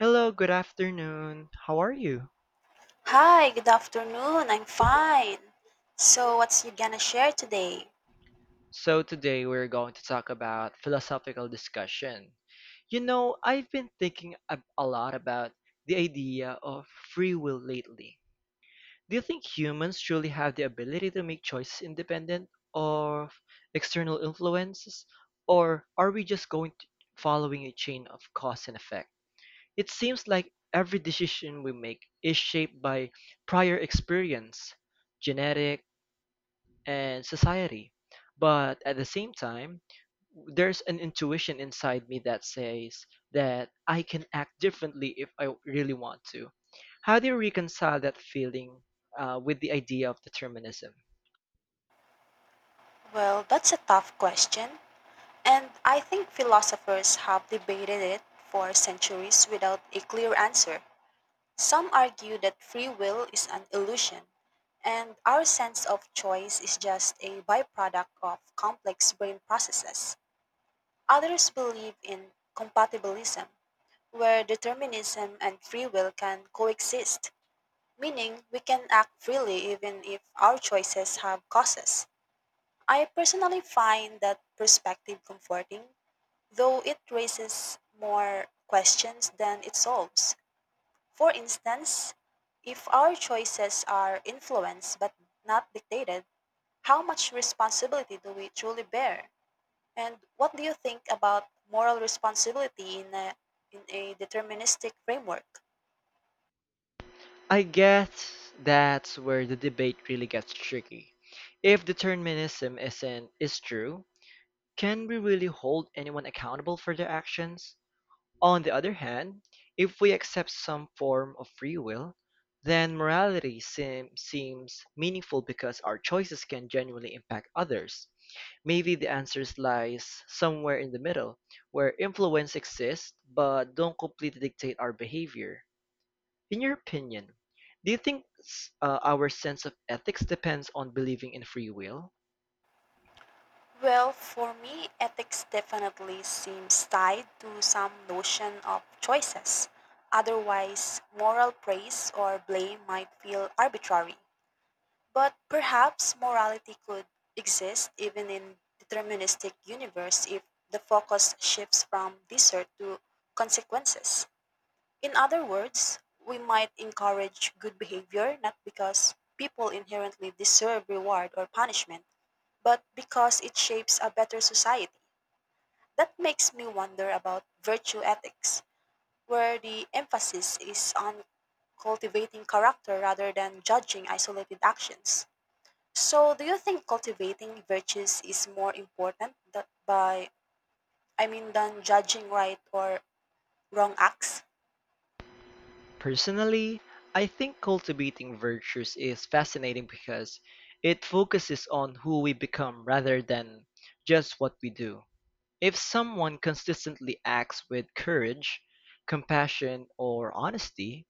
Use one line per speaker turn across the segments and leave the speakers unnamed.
Hello, good afternoon. How are you?
Hi, good afternoon. I'm fine. So, what's you gonna share today?
So, today we're going to talk about philosophical discussion. You know, I've been thinking a lot about the idea of free will lately. Do you think humans truly have the ability to make choices independent of external influences, or are we just going to following a chain of cause and effect? It seems like every decision we make is shaped by prior experience, genetics and society. But at the same time, there's an intuition inside me that says that I can act differently if I really want to. How do you reconcile that feeling with the idea of determinism?
Well, that's a tough question, and I think philosophers have debated it for centuries without a clear answer. Some argue that free will is an illusion, and our sense of choice is just a byproduct of complex brain processes. Others believe in compatibilism, where determinism and free will can coexist, meaning we can act freely even if our choices have causes. I personally find that perspective comforting, though it raises more questions than it solves. For instance, if our choices are influenced but not dictated, how much responsibility do we truly bear? And what do you think about moral responsibility in a deterministic framework?
I guess that's where the debate really gets tricky. If determinism isn't is true, can we really hold anyone accountable for their actions? On the other hand, if we accept some form of free will, then morality seems meaningful because our choices can genuinely impact others. Maybe the answer lies somewhere in the middle, where influence exists but don't completely dictate our behavior. In your opinion, do you think our sense of ethics depends on believing in free will?
Well, for me, ethics definitely seems tied to some notion of choices. Otherwise, moral praise or blame might feel arbitrary. But perhaps morality could exist even in deterministic universe if the focus shifts from desert to consequences. In other words, we might encourage good behavior not because people inherently deserve reward or punishment, but because it shapes a better society. That makes me wonder about virtue ethics, where the emphasis is on cultivating character rather than judging isolated actions. So, do you think cultivating virtues is more important that by I mean than judging right or wrong acts?
Personally, I think cultivating virtues is fascinating because it focuses on who we become rather than just what we do. If someone consistently acts with courage, compassion, or honesty,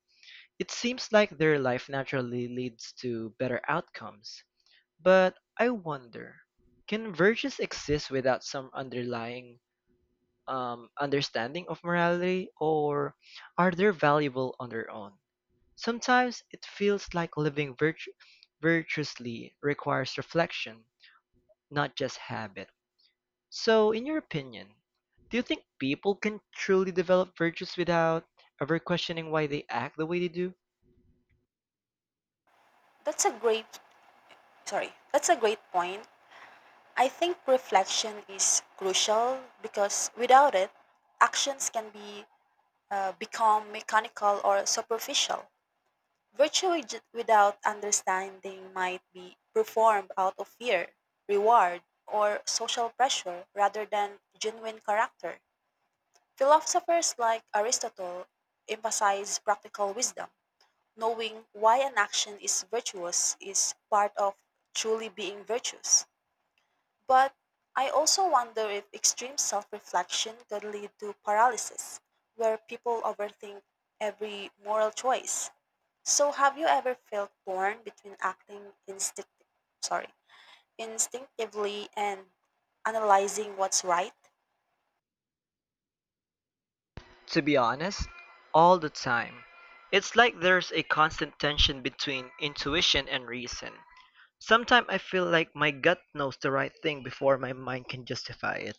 it seems like their life naturally leads to better outcomes. But I wonder, can virtues exist without some underlying understanding of morality, or are they valuable on their own? Sometimes it feels like living virtuously requires reflection, not just habit. So, in your opinion, do you think people can truly develop virtues without ever questioning why they act the way they do?
That's a great sorry. That's a great point. I think reflection is crucial because without it, actions can be become mechanical or superficial. Virtue without understanding might be performed out of fear, reward, or social pressure rather than genuine character. Philosophers like Aristotle emphasize practical wisdom. Knowing why an action is virtuous is part of truly being virtuous. But I also wonder if extreme self reflection could lead to paralysis, where people overthink every moral choice. So, have you ever felt torn between acting sorry, instinctively and analyzing what's right?
To be honest, all the time. It's like there's a constant tension between intuition and reason. Sometimes I feel like my gut knows the right thing before my mind can justify it.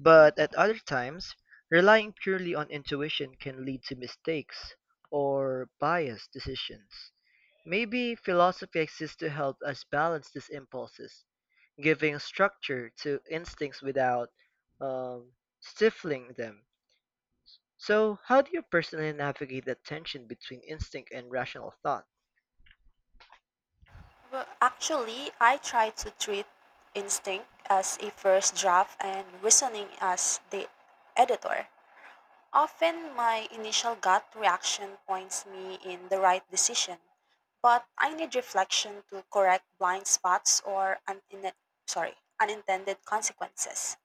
But at other times, relying purely on intuition can lead to mistakes or biased decisions. Maybe philosophy exists to help us balance these impulses, giving structure to instincts without um, stifling them. So, how do you personally navigate the tension between instinct and rational thought?
Well, actually, I try to treat instinct as a first draft and reasoning as the editor. Often my initial gut reaction points me in the right decision, but I need reflection to correct blind spots or sorry, unintended consequences.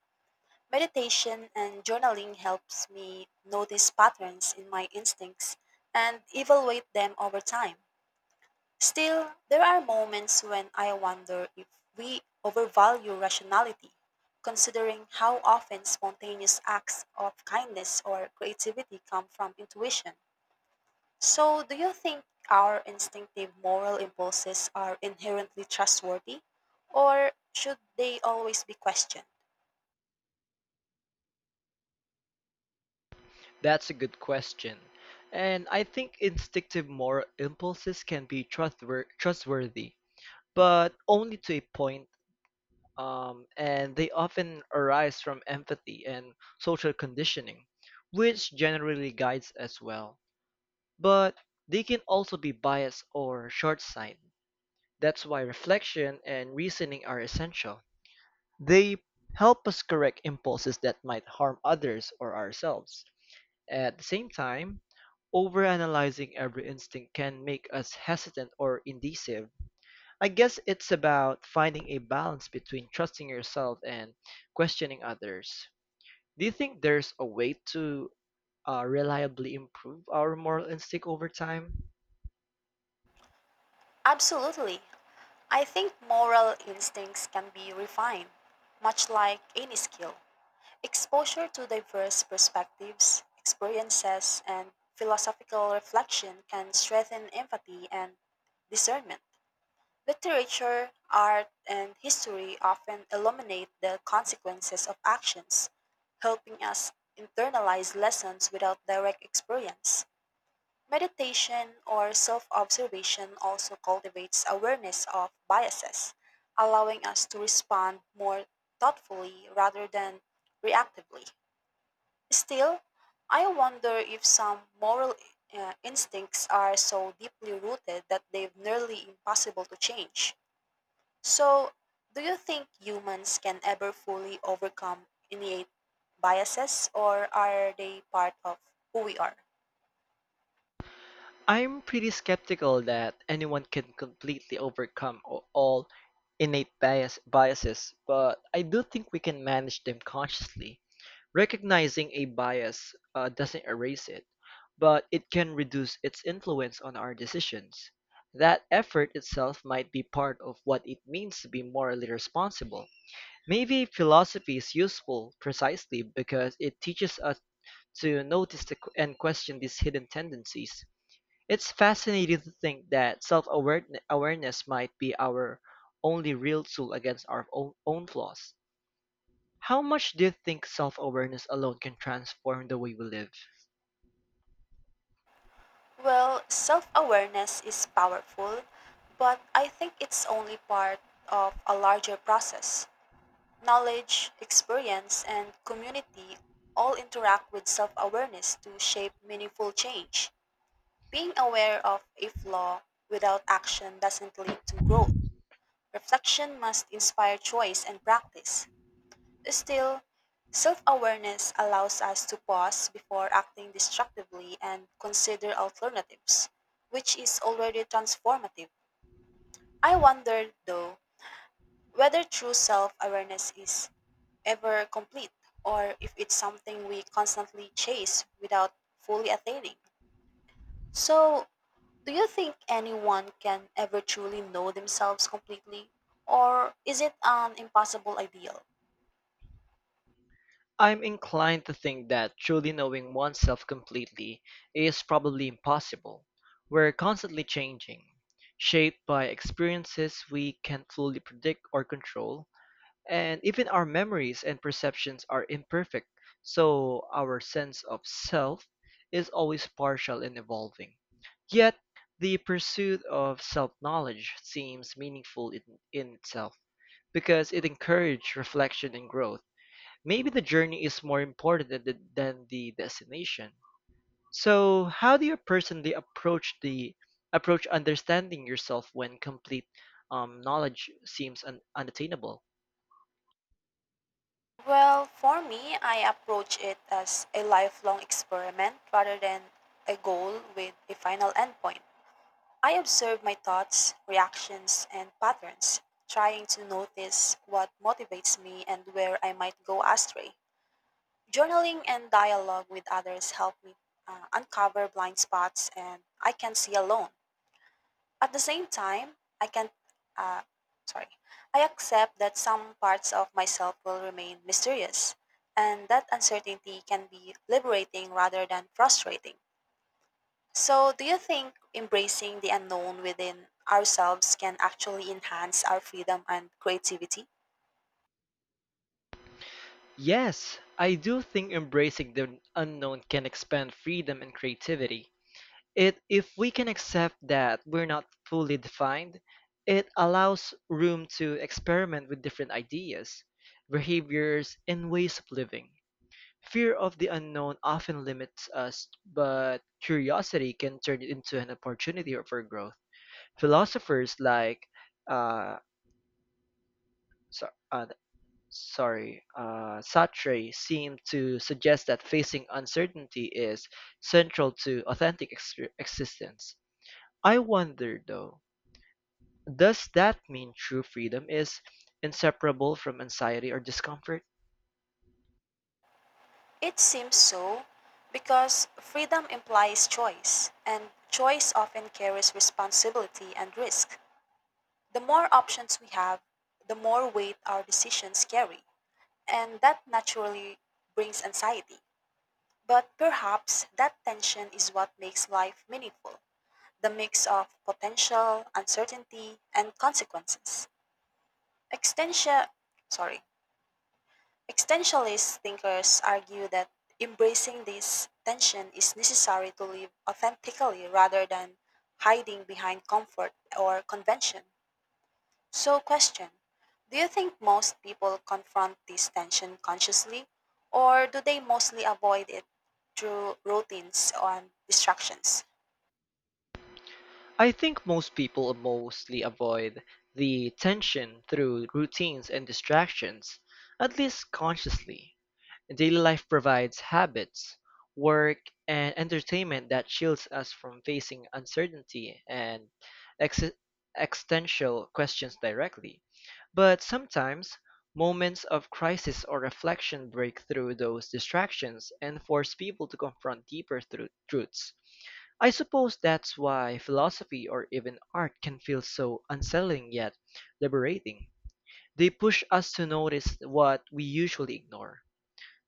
Meditation and journaling helps me notice patterns in my instincts and evaluate them over time. Still, there are moments when I wonder if we overvalue rationality, considering how often spontaneous acts of kindness or creativity come from intuition. So, do you think our instinctive moral impulses are inherently trustworthy, or should they always be questioned?
That's a good question. And I think instinctive moral impulses can be trustworthy, but only to a point and they often arise from empathy and social conditioning, which generally guides as well. But they can also be biased or short sighted. That's why reflection and reasoning are essential. They help us correct impulses that might harm others or ourselves. At the same time, overanalyzing every instinct can make us hesitant or indecisive. I guess it's about finding a balance between trusting yourself and questioning others. Do you think there's a way to reliably improve our moral instinct over time?
Absolutely. I think moral instincts can be refined, much like any skill. Exposure to diverse perspectives, experiences, and philosophical reflection can strengthen empathy and discernment. Literature, art, and history often illuminate the consequences of actions, helping us internalize lessons without direct experience. Meditation or self observation also cultivates awareness of biases, allowing us to respond more thoughtfully rather than reactively. Still, I wonder if some moral instincts are so deeply rooted that they're nearly impossible to change. So, do you think humans can ever fully overcome innate biases, or are they part of who we are?
I'm pretty skeptical that anyone can completely overcome all innate biases, but I do think we can manage them consciously. Recognizing a bias doesn't erase it, but it can reduce its influence on our decisions. That effort itself might be part of what it means to be morally responsible. Maybe philosophy is useful precisely because it teaches us to notice and question these hidden tendencies. It's fascinating to think that self-awareness might be our only real tool against our own flaws. How much do you think self-awareness alone can transform the way we live?
Well, self awareness is powerful, but I think it's only part of a larger process. Knowledge, experience, and community all interact with self awareness to shape meaningful change. Being aware of a flaw without action doesn't lead to growth. Reflection must inspire choice and practice. Still, self awareness allows us to pause before acting destructively and consider alternatives, which is already transformative. I wonder, though, whether true self awareness is ever complete or if it's something we constantly chase without fully attaining. So, do you think anyone can ever truly know themselves completely or is it an impossible ideal?
I'm inclined to think that truly knowing oneself completely is probably impossible. We're constantly changing, shaped by experiences we can't fully predict or control, and even our memories and perceptions are imperfect, so our sense of self is always partial and evolving. Yet, the pursuit of self knowledge seems meaningful in itself because it encourages reflection and growth. Maybe the journey is more important than the destination. So, how do you personally approach understanding yourself when complete knowledge seems unattainable?
Well, for me, I approach it as a lifelong experiment rather than a goal with a final endpoint. I observe my thoughts, reactions, and patterns, trying to notice what motivates me and where I might go astray. Journaling and dialogue with others help me uncover blind spots and I can see alone. At the same time, uh, sorry, I accept that some parts of myself will remain mysterious, and that uncertainty can be liberating rather than frustrating. So, do you think embracing the unknown within ourselves can actually enhance our freedom and creativity?
Yes, I do think embracing the unknown can expand freedom and creativity. It if we can accept that we're not fully defined, it allows room to experiment with different ideas, behaviors, and ways of living. Fear of the unknown often limits us, but curiosity can turn it into an opportunity for growth. Philosophers like uh, so- uh, Sartre seemed to suggest that facing uncertainty is central to authentic existence. I wonder, though, does that mean true freedom is inseparable from anxiety or discomfort?
It seems so because freedom implies choice, and choice often carries responsibility and risk. The more options we have, the more weight our decisions carry, and that naturally brings anxiety. But perhaps that tension is what makes life meaningful, the mix of potential, uncertainty, and consequences. Extension, sorry, Existentialist thinkers argue that embracing this tension is necessary to live authentically rather than hiding behind comfort or convention. So, question, do you think most people confront this tension consciously, or do they mostly avoid it through routines and distractions?
I think most people mostly avoid the tension through routines and distractions, at least consciously. Daily life provides habits, work, and entertainment that shields us from facing uncertainty and ex- existential questions directly. But sometimes, moments of crisis or reflection break through those distractions and force people to confront deeper truths. I suppose that's why philosophy or even art can feel so unsettling yet liberating. They push us to notice what we usually ignore.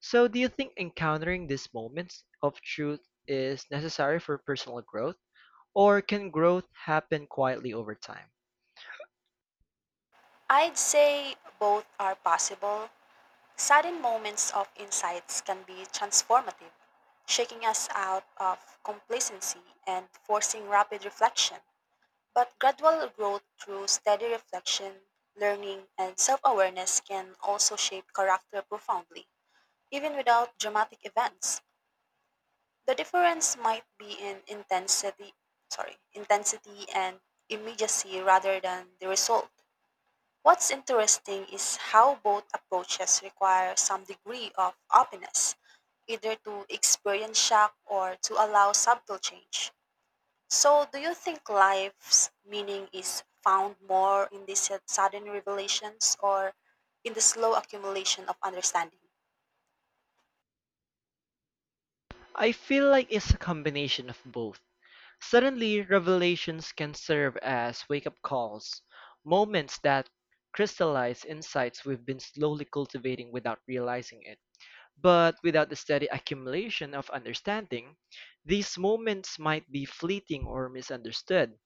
So, do you think encountering these moments of truth is necessary for personal growth, or can growth happen quietly over time?
I'd say both are possible. Sudden moments of insights can be transformative, shaking us out of complacency and forcing rapid reflection. But gradual growth through steady reflection, learning, and self awareness can also shape character profoundly, even without dramatic events. The difference might be in intensity and immediacy rather than the result. What's interesting is how both approaches require some degree of openness, either to experience shock or to allow subtle change. So, do you think life's meaning is found more in these sudden revelations or in the slow accumulation of understanding?
I feel like it's a combination of both. Suddenly, revelations can serve as wake up calls, moments that crystallize insights we've been slowly cultivating without realizing it. But without the steady accumulation of understanding, these moments might be fleeting or misunderstood.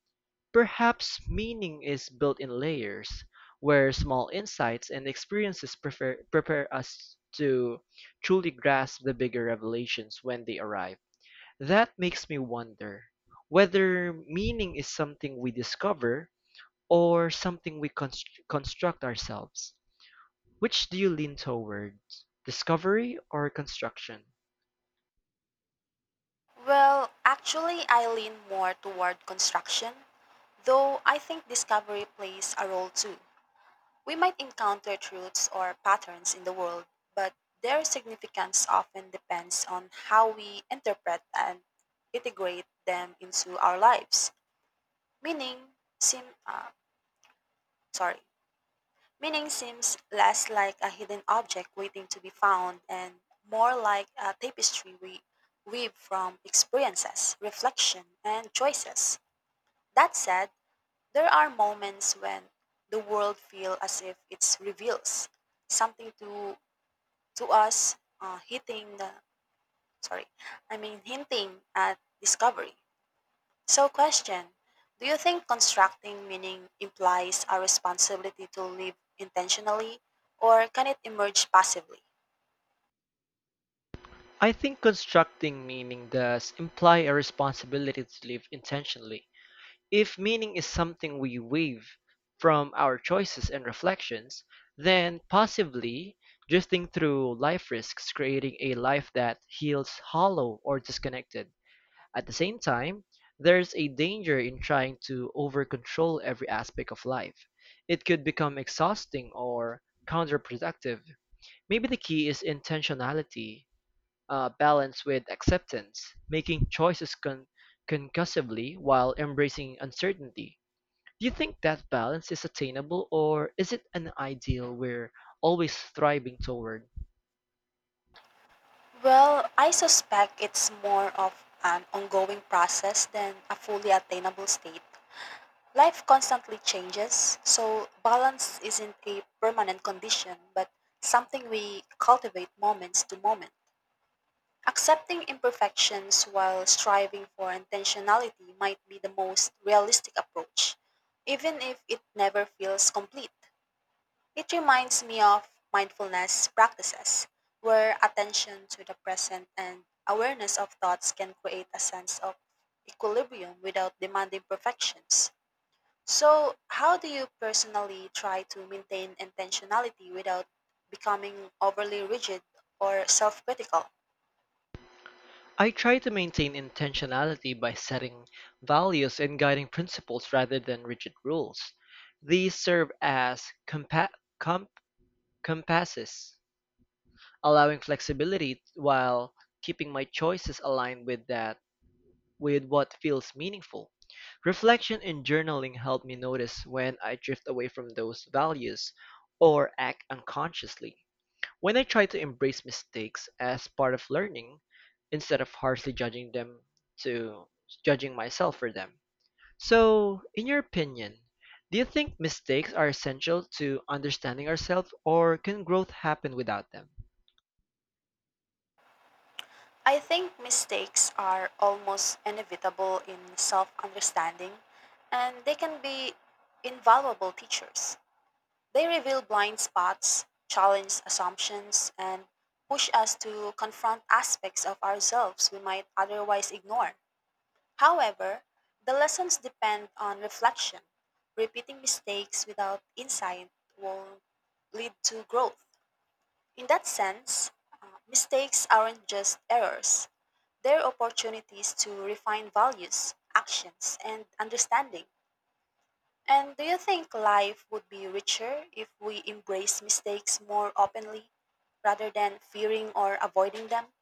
Perhaps meaning is built in layers, where small insights and experiences prepare us to truly grasp the bigger revelations when they arrive. That makes me wonder whether meaning is something we discover or something we construct ourselves. Which do you lean towards, discovery or construction?
Well, actually, I lean more toward construction, though I think discovery plays a role too. We might encounter truths or patterns in the world, but their significance often depends on how we interpret and integrate them into our lives. Meaning seem sorry. Meaning seems less like a hidden object waiting to be found and more like a tapestry we weave from experiences, reflection, and choices. That said, there are moments when the world feels as if it reveals something to us, hitting the sorry I mean hinting at discovery. So, question, do you think constructing meaning implies a responsibility to live intentionally or can it emerge passively?
I think constructing meaning does imply a responsibility to live intentionally. If meaning is something we weave from our choices and reflections, then passively drifting through life risks creating a life that feels hollow or disconnected. At the same time, there's a danger in trying to over control every aspect of life. It could become exhausting or counterproductive. Maybe the key is intentionality, balance with acceptance, making choices concussively while embracing uncertainty. Do you think that balance is attainable or is it an ideal we're always striving toward?
Well, I suspect it's more of an ongoing process than a fully attainable state. Life constantly changes, so balance isn't a permanent condition but something we cultivate moments to moment. Accepting imperfections while striving for intentionality might be the most realistic approach, even if it never feels complete. It reminds me of mindfulness practices, where attention to the present and awareness of thoughts can create a sense of equilibrium without demanding perfections. So, how do you personally try to maintain intentionality without becoming overly rigid or self critical?
I try to maintain intentionality by setting values and guiding principles rather than rigid rules. These serve as compa- comp- compasses, allowing flexibility while keeping my choices aligned with that with what feels meaningful. Reflection and journaling help me notice when I drift away from those values or act unconsciously. When I try to embrace mistakes as part of learning instead of harshly to judging myself for them. So, in your opinion, do you think mistakes are essential to understanding ourselves, or can growth happen without them?
I think mistakes are almost inevitable in self understanding, and they can be invaluable teachers. They reveal blind spots, challenge assumptions, and push us to confront aspects of ourselves we might otherwise ignore. However, the lessons depend on reflection. Repeating mistakes without insight will lead to growth. In that sense, mistakes aren't just errors, they're opportunities to refine values, actions, and understanding. And do you think life would be richer if we embrace mistakes more openly rather than fearing or avoiding them?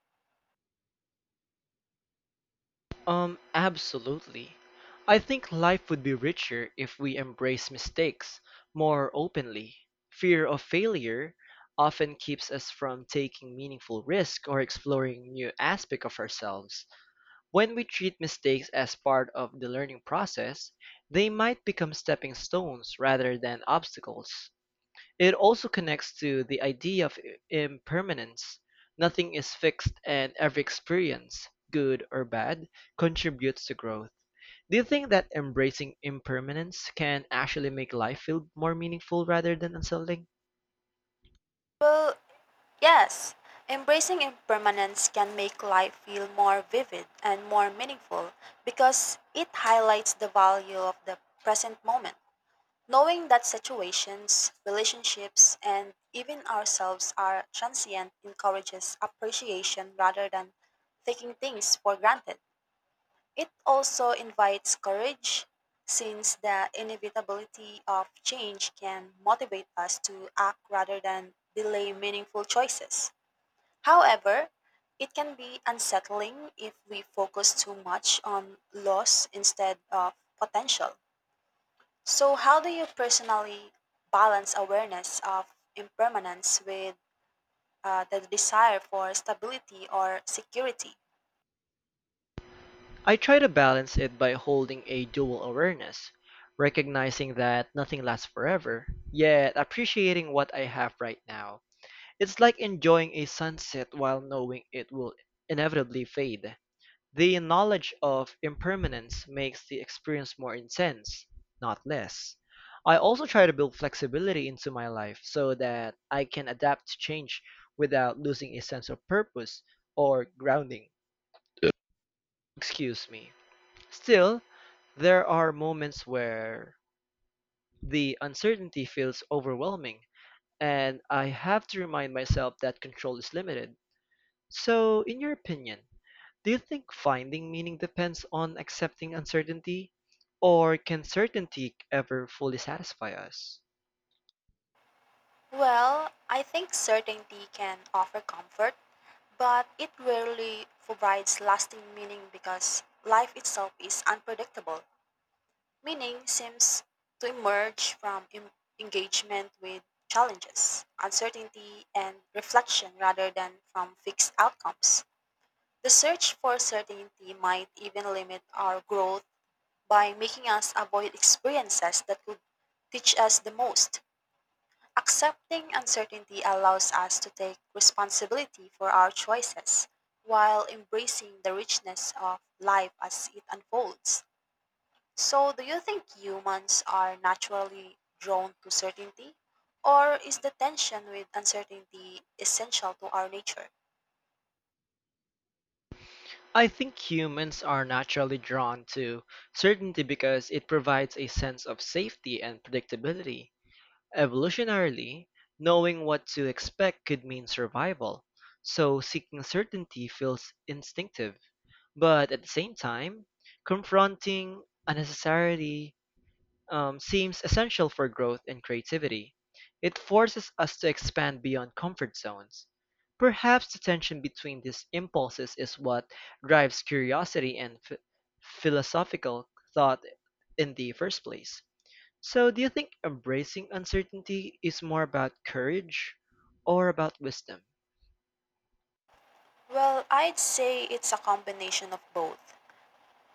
Absolutely. I think life would be richer if we embrace mistakes more openly. Fear of failure often keeps us from taking meaningful risk or exploring new aspects of ourselves. When we treat mistakes as part of the learning process, they might become stepping stones rather than obstacles. It also connects to the idea of impermanence: nothing is fixed and every experience, good or bad, contributes to growth. Do you think that embracing impermanence can actually make life feel more meaningful rather than unsettling?
Well, yes. Embracing impermanence can make life feel more vivid and more meaningful because it highlights the value of the present moment. Knowing that situations, relationships, and even ourselves are transient encourages appreciation rather than taking things for granted. It also invites courage, since the inevitability of change can motivate us to act rather than delay meaningful choices. However, it can be unsettling if we focus too much on loss instead of potential. So, how do you personally balance awareness of impermanence with the desire for stability or security?
I try to balance it by holding a dual awareness, recognizing that nothing lasts forever, yet appreciating what I have right now. It's like enjoying a sunset while knowing it will inevitably fade. The knowledge of impermanence makes the experience more intense, not less. I also try to build flexibility into my life so that I can adapt to change without losing a sense of purpose or grounding. Excuse me. Still, there are moments where the uncertainty feels overwhelming, and I have to remind myself that control is limited. So, in your opinion, do you think finding meaning depends on accepting uncertainty, or can certainty ever fully satisfy us?
Well, I think certainty can offer comfort, but it rarely provides lasting meaning because life itself is unpredictable. Meaning seems to emerge from engagement with challenges, uncertainty, and reflection rather than from fixed outcomes. The search for certainty might even limit our growth by making us avoid experiences that could teach us the most. Accepting uncertainty allows us to take responsibility for our choices while embracing the richness of life as it unfolds. So, do you think humans are naturally drawn to certainty? Or is the tension with uncertainty essential to our nature?
I think humans are naturally drawn to certainty because it provides a sense of safety and predictability. Evolutionarily, knowing what to expect could mean survival, so seeking certainty feels instinctive. But at the same time, confronting unnecessarily seems essential for growth and creativity. It forces us to expand beyond comfort zones. Perhaps the tension between these impulses is what drives curiosity and philosophical thought in the first place. So, do you think embracing uncertainty is more about courage or about wisdom?
Well, I'd say it's a combination of both.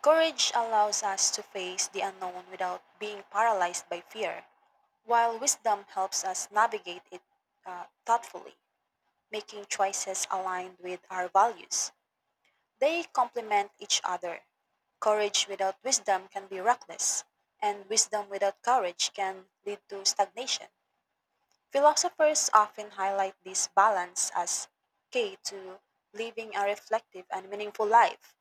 Courage allows us to face the unknown without being paralyzed by fear, while wisdom helps us navigate it thoughtfully, making choices aligned with our values. They complement each other. Courage without wisdom can be reckless, and wisdom without courage can lead to stagnation. Philosophers often highlight this balance as key to living a reflective and meaningful life.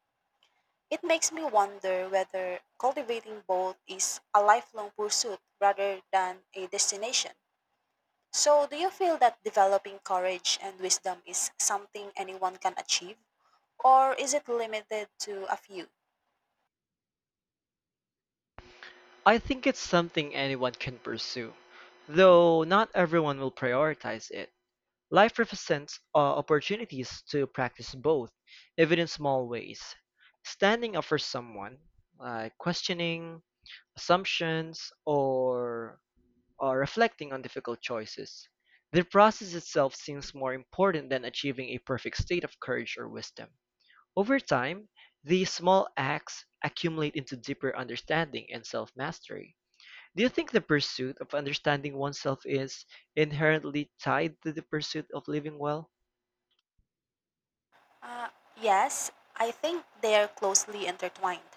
It makes me wonder whether cultivating both is a lifelong pursuit rather than a destination. So, do you feel that developing courage and wisdom is something anyone can achieve, or is it limited to a few?
I think it's something anyone can pursue, though not everyone will prioritize it. Life represents opportunities to practice both, even in small ways. Standing up for someone, like questioning assumptions or reflecting on difficult choices. The process itself seems more important than achieving a perfect state of courage or wisdom. Over time, these small acts accumulate into deeper understanding and self mastery. Do you think the pursuit of understanding oneself is inherently tied to the pursuit of living well?
Uh, yes, I think they are closely intertwined.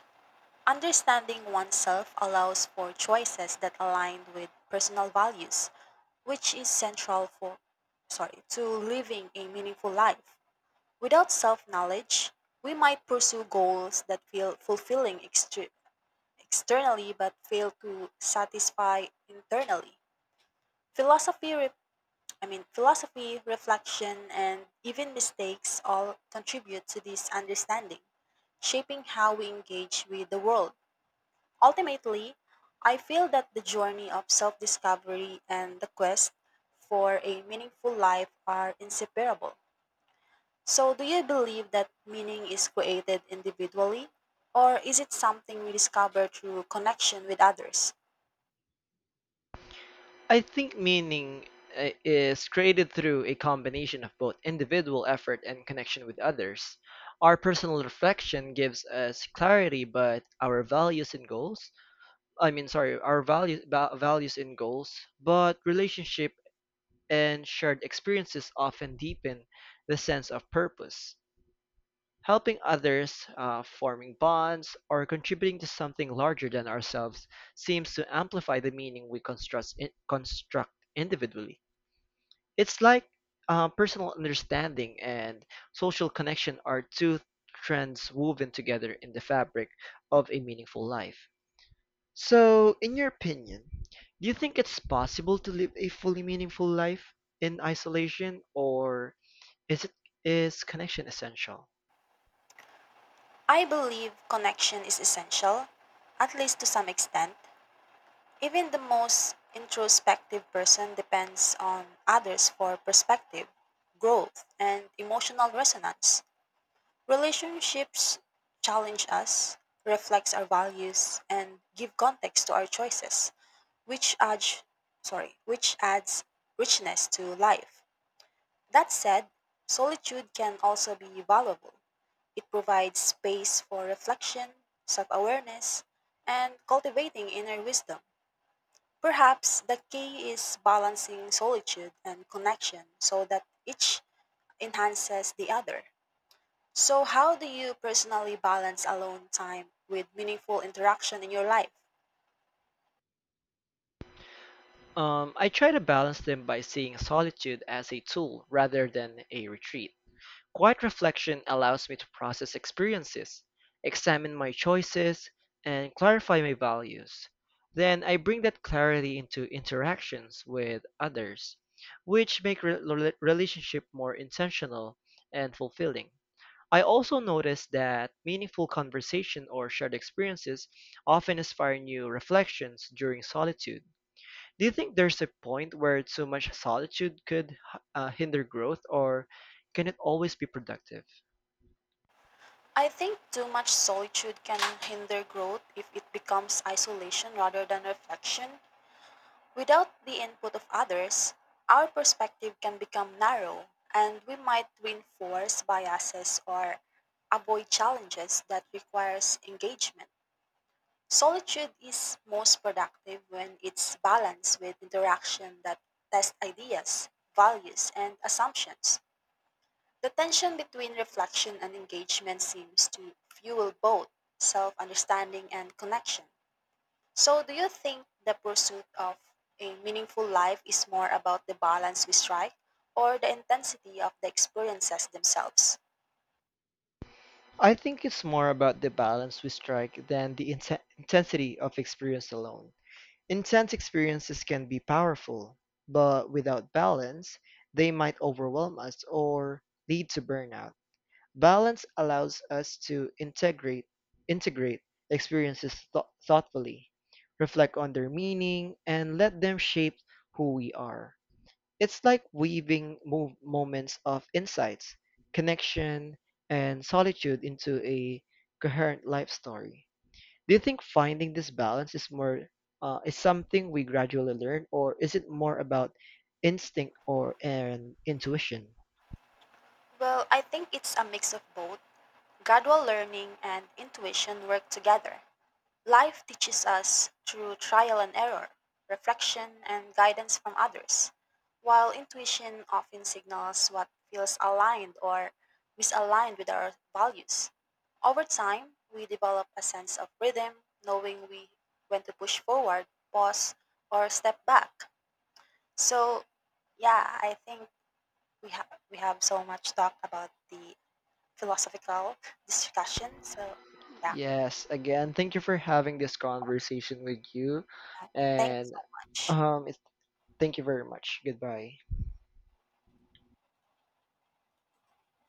Understanding oneself allows for choices that align with personal values, which is central to living a meaningful life. Without self knowledge, we might pursue goals that feel fulfilling externally but fail to satisfy internally. Philosophy, re- I mean, Philosophy, reflection, and even mistakes all contribute to this understanding, shaping how we engage with the world. Ultimately, I feel that the journey of self discovery and the quest for a meaningful life are inseparable. So, do you believe that meaning is created individually, or is it something we discover through connection with others?
I think meaning is created through a combination of both individual effort and connection with others. Our personal reflection gives us clarity, but our values and goals, I mean, sorry, our values, values and goals, but relationship and shared experiences often deepen the sense of purpose. Helping others, forming bonds, or contributing to something larger than ourselves seems to amplify the meaning we construct individually. It's like personal understanding and social connection are two trends woven together in the fabric of a meaningful life. So, in your opinion, do you think it's possible to live a fully meaningful life in isolation, or is it is connection essential?
I believe connection is essential, at least to some extent. Even the most introspective person depends on others for perspective, growth, and emotional resonance. Relationships challenge us, reflects our values, and give context to our choices, which adds which adds richness to life. That said, solitude can also be valuable. It provides space for reflection, self-awareness, and cultivating inner wisdom. Perhaps the key is balancing solitude and connection so that each enhances the other. So how do you personally balance alone time with meaningful interaction in your life?
I try to balance them by seeing solitude as a tool rather than a retreat. Quiet reflection allows me to process experiences, examine my choices, and clarify my values. Then I bring that clarity into interactions with others, which make relationship more intentional and fulfilling. I also notice that meaningful conversation or shared experiences often inspire new reflections during solitude. Do you think there's a point where too much solitude could hinder growth, or can it always be productive?
I think too much solitude can hinder growth if it becomes isolation rather than reflection. Without the input of others, our perspective can become narrow and we might reinforce biases or avoid challenges that requires engagement. Solitude is most productive when it's balanced with interaction that test ideas, values, and assumptions. The tension between reflection and engagement seems to fuel both self understanding and connection. So, do you think the pursuit of a meaningful life is more about the balance we strike or the intensity of the experiences themselves?
I think it's more about the balance we strike than the intensity of experience alone. Intense experiences can be powerful, but without balance, they might overwhelm us or lead to burnout. Balance allows us to integrate experiences thoughtfully, reflect on their meaning, and let them shape who we are. It's like weaving moments of insights, connection, and solitude into a coherent life story. Do you think finding this balance is more is something we gradually learn, or is it more about instinct or an intuition?
Well, I think it's a mix of both. Gradual learning and intuition work together. Life teaches us through trial and error, reflection, and guidance from others, while intuition often signals what feels aligned or misaligned with our values. Over time, we develop a sense of rhythm, knowing we when to push forward, pause, or step back. So, yeah, I think we have so much talk about the philosophical discussion. So, yeah,
Yes, again, thank you for having this conversation with you,
thank you
and
so much.
um, it, thank you very much. Goodbye.